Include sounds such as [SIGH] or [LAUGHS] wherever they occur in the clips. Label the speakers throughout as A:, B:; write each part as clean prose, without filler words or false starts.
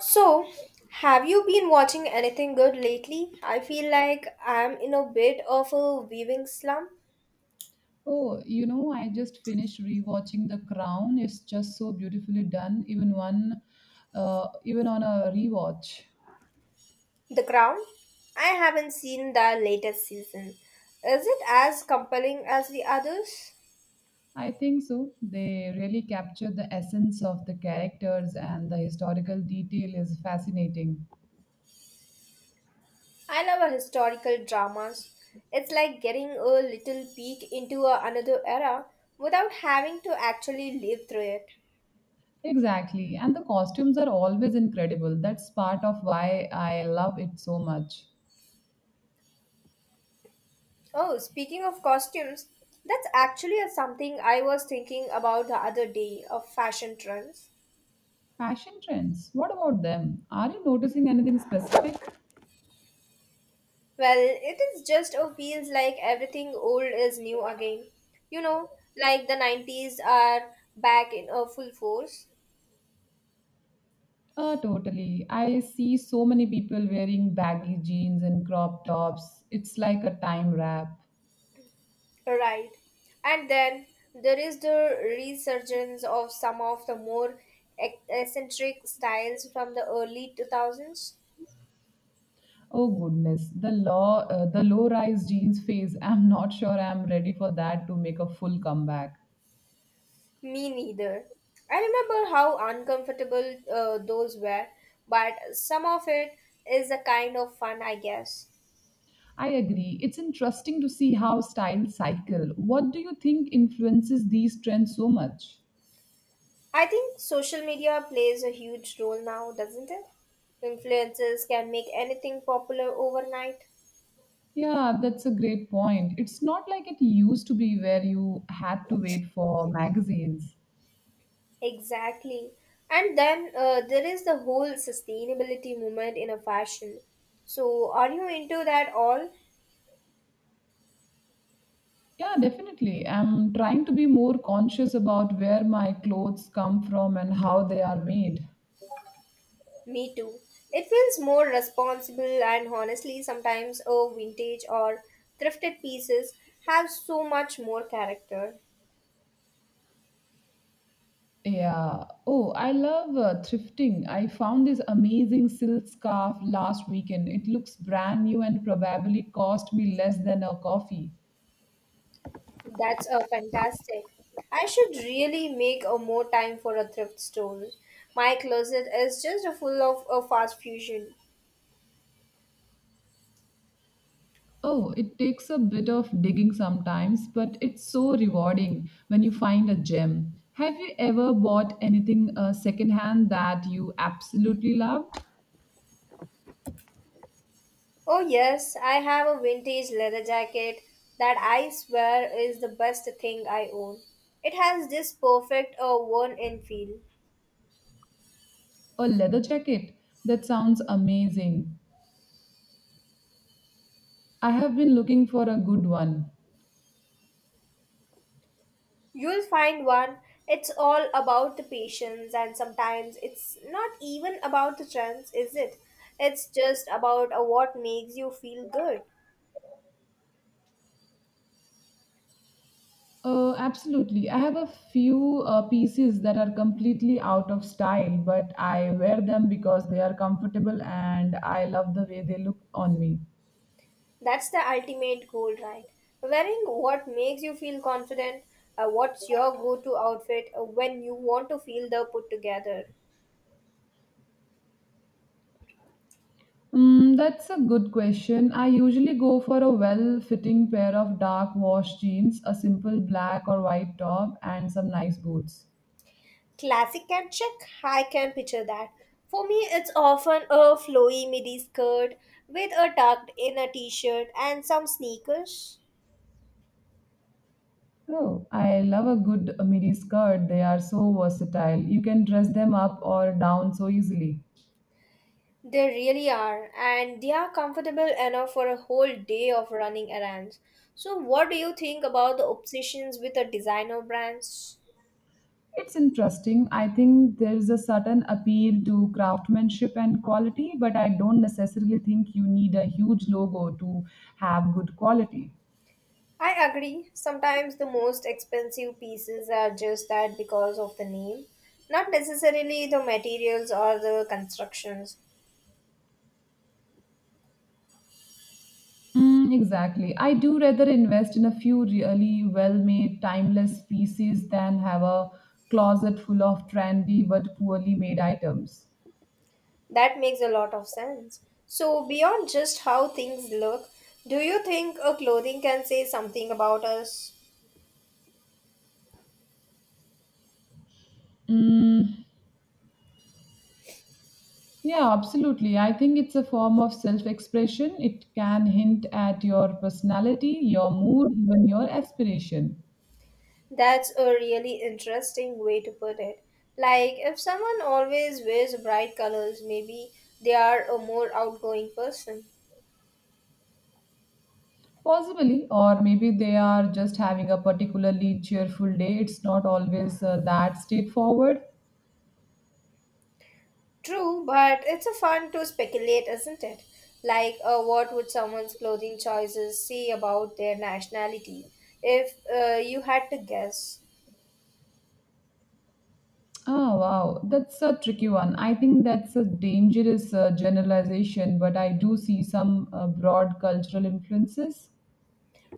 A: So, have you been watching anything good lately? I feel like I'm in a bit of a viewing slump.
B: Oh, you know, I just finished rewatching The Crown. It's just so beautifully done, even one, even on a rewatch.
A: The Crown? I haven't seen the latest season. Is it as compelling as the others?
B: I think so. They really capture the essence of the characters, and the historical detail is fascinating.
A: I love a historical dramas. It's like getting a little peek into another era without having to actually live through it.
B: Exactly, and the costumes are always incredible. That's part of why I love it so much.
A: Oh, speaking of costumes, that's actually something I was thinking about the other day of fashion trends.
B: Fashion trends. What about them? Are you noticing anything specific?
A: Well, it is just or feels like everything old is new again. You know, like the 90s are back in a full force.
B: Totally. I see so many people wearing baggy jeans and crop tops. It's like a time wrap.
A: Right. And then there is the resurgence of some of the more eccentric styles from the early 2000s.
B: Oh goodness, the low, the low-rise jeans phase. I'm not sure I'm ready for that to make a full comeback.
A: Me neither. I remember how uncomfortable those were, but some of it is a kind of fun, I guess.
B: I agree. It's interesting to see how styles cycle. What do you think influences these trends so much?
A: I think social media plays a huge role now, doesn't it? Influencers can make anything popular overnight.
B: Yeah, that's a great point. It's not like it used to be where you had to wait for magazines.
A: Exactly. And then there is the whole sustainability movement in a fashion. So, are you into that all?
B: Yeah, definitely. I'm trying to be more conscious about where my clothes come from and how they are made.
A: Me too. It feels more responsible, and honestly, sometimes a vintage or thrifted pieces have so much more character.
B: Yeah. Oh, I love thrifting. I found this amazing silk scarf last weekend. It looks brand new and probably cost me less than a coffee.
A: That's a fantastic. I should really make a more time for a thrift store. My closet is just full of a fast fusion.
B: Oh, it takes a bit of digging sometimes, but it's so rewarding when you find a gem. Have you ever bought anything secondhand that you absolutely love?
A: Oh yes, I have a vintage leather jacket that I swear is the best thing I own. It has this perfect worn-in feel.
B: A leather jacket? That sounds amazing. I have been looking for a good one.
A: You'll find one. It's all about the patience, and sometimes it's not even about the trends, is it? It's just about what makes you feel good.
B: Absolutely. I have a few pieces that are completely out of style, but I wear them because they are comfortable and I love the way they look on me.
A: That's the ultimate goal, right? Wearing what makes you feel confident. What's your go to outfit when you want to feel the put together?
B: Mm, that's a good question. I usually go for a well fitting pair of dark wash jeans, a simple black or white top, and some nice boots.
A: Classic and chic? I can picture that. For me, it's often a flowy midi skirt with a tucked in a t shirt and some sneakers.
B: Oh, I love a good midi skirt. They are so versatile. You can dress them up or down so easily.
A: They really are, and they are comfortable enough for a whole day of running errands. So, what do you think about the obsessions with the designer brands?
B: It's interesting. I think there's a certain appeal to craftsmanship and quality, but I don't necessarily think you need a huge logo to have good quality.
A: I agree. Sometimes the most expensive pieces are just that because of the name, not necessarily the materials or the constructions.
B: Mm, exactly. I do rather invest in a few really well-made, timeless pieces than have a closet full of trendy but poorly made items.
A: That makes a lot of sense. So, beyond just how things look, do you think a clothing can say something about us?
B: Mm, yeah, absolutely. I think it's a form of self expression. It can hint at your personality, your mood, even your aspiration.
A: That's a really interesting way to put it. Like, if someone always wears bright colors, maybe they are a more outgoing person.
B: Possibly, or maybe they are just having a particularly cheerful day. It's not always that straightforward.
A: True, but it's a fun to speculate, isn't it? Like, what would someone's clothing choices say about their nationality if you had to guess?
B: Oh, wow. That's a tricky one. I think that's a dangerous generalization, but I do see some broad cultural influences.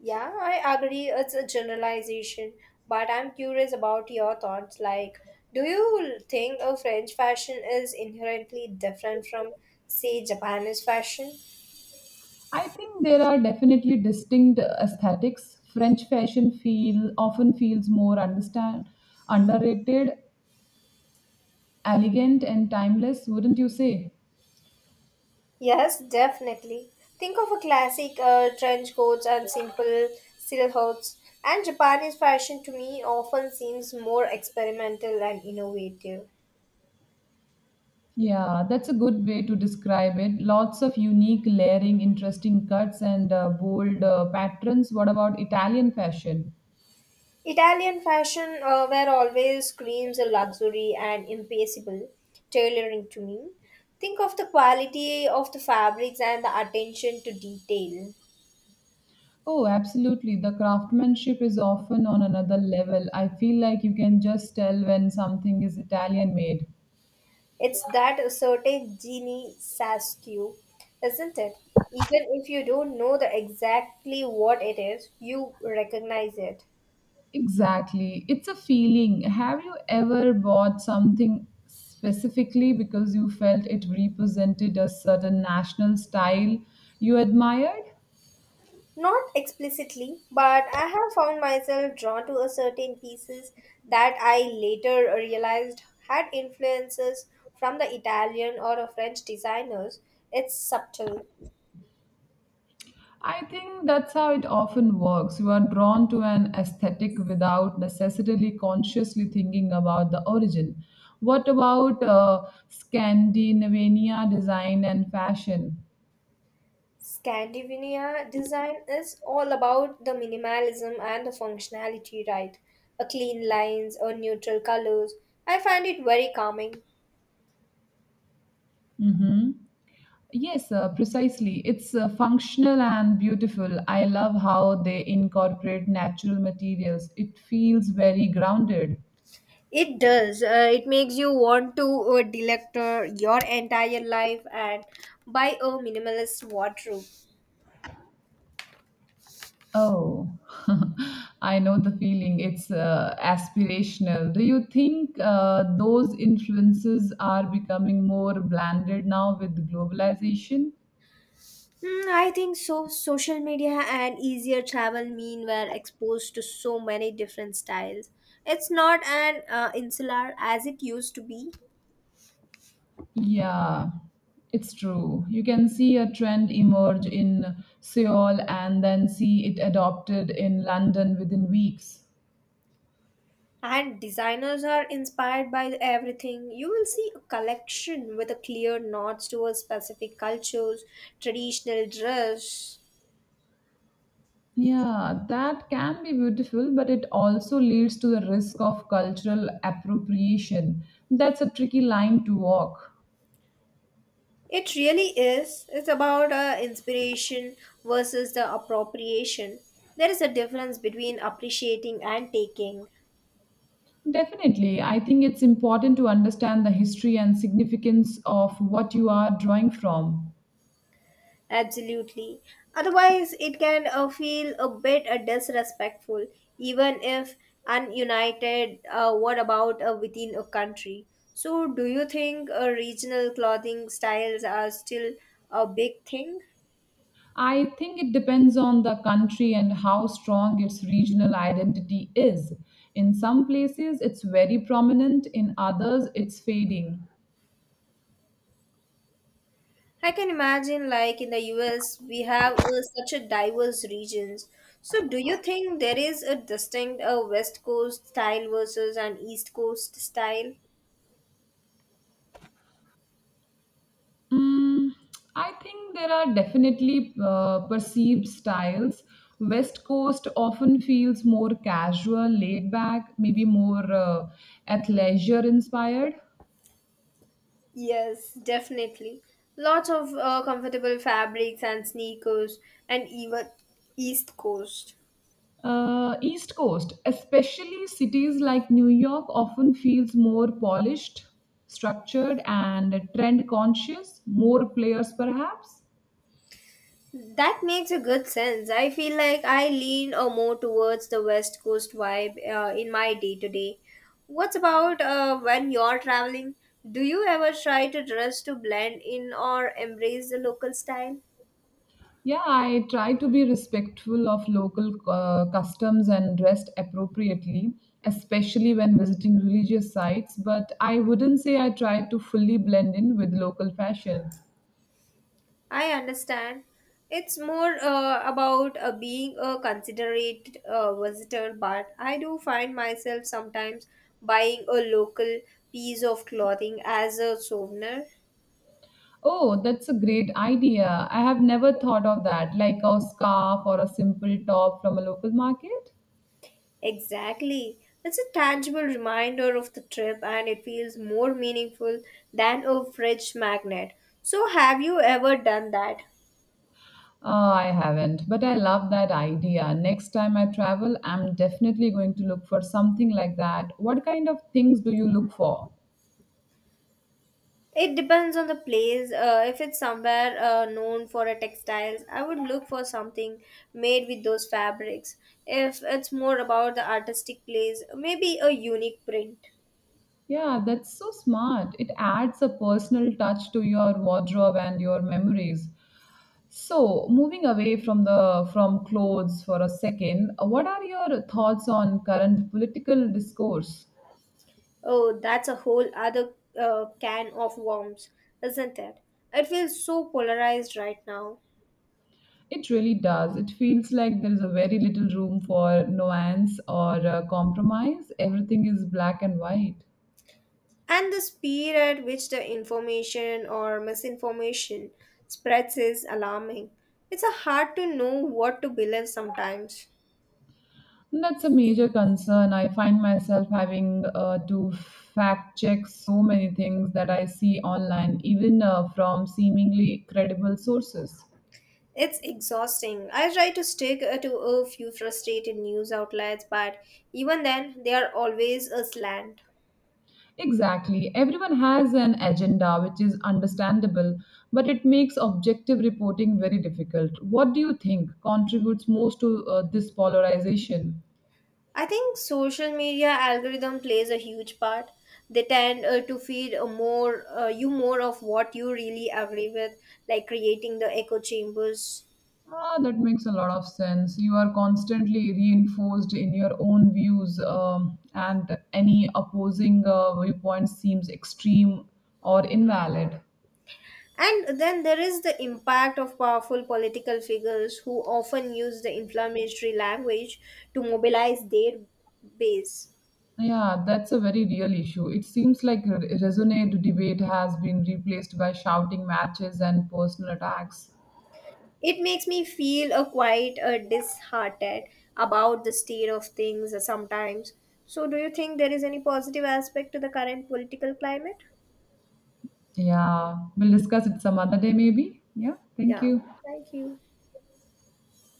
A: Yeah, I agree, it's a generalization, but I'm curious about your thoughts. Like, do you think a French fashion is inherently different from, say, Japanese fashion?
B: I think there are definitely distinct aesthetics. French fashion feel often feels more understand underrated, elegant and timeless, wouldn't you say?
A: Yes, definitely. Think of a classic trench coats and simple silhouettes. And Japanese fashion to me often seems more experimental and innovative.
B: Yeah, that's a good way to describe it. Lots of unique layering, interesting cuts and bold patterns. What about Italian fashion?
A: Italian fashion were always screams of luxury and impossible tailoring to me. Think of the quality of the fabrics and the attention to detail.
B: Oh, absolutely. The craftsmanship is often on another level. I feel like you can just tell when something is Italian made.
A: It's that certain genie Saskew, isn't it? Even if you don't know the exactly what it is, you recognize it.
B: Exactly. It's a feeling. Have you ever bought something specifically because you felt it represented a certain national style you admired?
A: Not explicitly, but I have found myself drawn to a certain pieces that I later realized had influences from the Italian or the French designers. It's subtle.
B: I think that's how it often works. You are drawn to an aesthetic without necessarily consciously thinking about the origin. What about Scandinavian design and fashion?
A: Scandinavian design is all about the minimalism and the functionality, right? A clean lines or neutral colors. I find it very calming.
B: Mm-hmm. Yes, precisely. It's functional and beautiful. I love how they incorporate natural materials. It feels very grounded.
A: It does. It makes you want to delector your entire life and buy a minimalist wardrobe.
B: Oh, [LAUGHS] I know the feeling. It's aspirational. Do you think those influences are becoming more blended now with globalization?
A: Hmm, I think so. Social media and easier travel mean we're exposed to so many different styles. It's not an insular as it used to be.
B: Yeah, it's true. You can see a trend emerge in Seoul and then see it adopted in London within weeks.
A: And designers are inspired by everything. You will see a collection with a clear nods towards specific cultures, traditional dress.
B: Yeah, that can be beautiful, but it also leads to the risk of cultural appropriation. That's a tricky line to walk.
A: It really is. It's about inspiration versus the appropriation. There is a difference between appreciating and taking.
B: Definitely, I think it's important to understand the history and significance of what you are drawing from.
A: Absolutely. Otherwise, it can feel a bit disrespectful, even if ununited. What about within a country? So, do you think regional clothing styles are still a big thing?
B: I think it depends on the country and how strong its regional identity is. In some places, it's very prominent, in others, it's fading.
A: I can imagine, like in the US, we have such a diverse regions. So, do you think there is a distinct West Coast style versus an East Coast style?
B: Mm, I think there are definitely perceived styles. West Coast often feels more casual, laid back, maybe more athleisure inspired.
A: Yes, definitely. Lots of comfortable fabrics and sneakers, and even East Coast.
B: East Coast, especially cities like New York, often feels more polished, structured, and trend conscious, more players perhaps.
A: That makes a good sense. I feel like I lean more towards the West Coast vibe in my day to day. What's about when you're traveling? Do you ever try to dress to blend in or embrace the local style?
B: Yeah, I try to be respectful of local customs and dressed appropriately, especially when visiting religious sites, but I wouldn't say I try to fully blend in with local fashion.
A: I understand. It's more about being a considerate visitor, but I do find myself sometimes buying a local piece of clothing as a souvenir.
B: Oh, that's a great idea. I have never thought of that, like a scarf or a simple top from a local market.
A: Exactly. It's a tangible reminder of the trip and it feels more meaningful than a fridge magnet. So, have you ever done that?
B: I haven't, but I love that idea. Next time I travel, I'm definitely going to look for something like that. What kind of things do you look for?
A: It depends on the place. If it's somewhere known for a textiles, I would look for something made with those fabrics. If it's more about the artistic place, maybe a unique print.
B: Yeah, that's so smart. It adds a personal touch to your wardrobe and your memories. So, moving away from the from clothes for a second, what are your thoughts on current political discourse?
A: Oh, that's a whole other can of worms, isn't it? It feels so polarized right now.
B: It really does. It feels like there is a very little room for nuance or compromise. Everything is black and white.
A: And the speed at which the information or misinformation spreads is alarming. It's a hard to know what to believe sometimes.
B: That's a major concern. I find myself having to fact check so many things that I see online, even from seemingly credible sources.
A: It's exhausting. I try to stick to a few frustrated news outlets, but even then, they are always a slant.
B: Exactly. Everyone has an agenda, which is understandable, but it makes objective reporting very difficult. What do you think contributes most to this polarization?
A: I think social media algorithm plays a huge part. They tend to feed a more you more of what you really agree with, like creating the echo chambers.
B: Ah, that makes a lot of sense. You are constantly reinforced in your own views, and any opposing viewpoint seems extreme or invalid.
A: And then there is the impact of powerful political figures who often use the inflammatory language to mobilize their base.
B: Yeah, that's a very real issue. It seems like resonate debate has been replaced by shouting matches and personal attacks.
A: It makes me feel a quite disheartened about the state of things sometimes. So, do you think there is any positive aspect to the current political climate?
B: Yeah, we'll discuss it some other day, maybe. Yeah, thank
A: Yeah,
B: you.
A: thank you.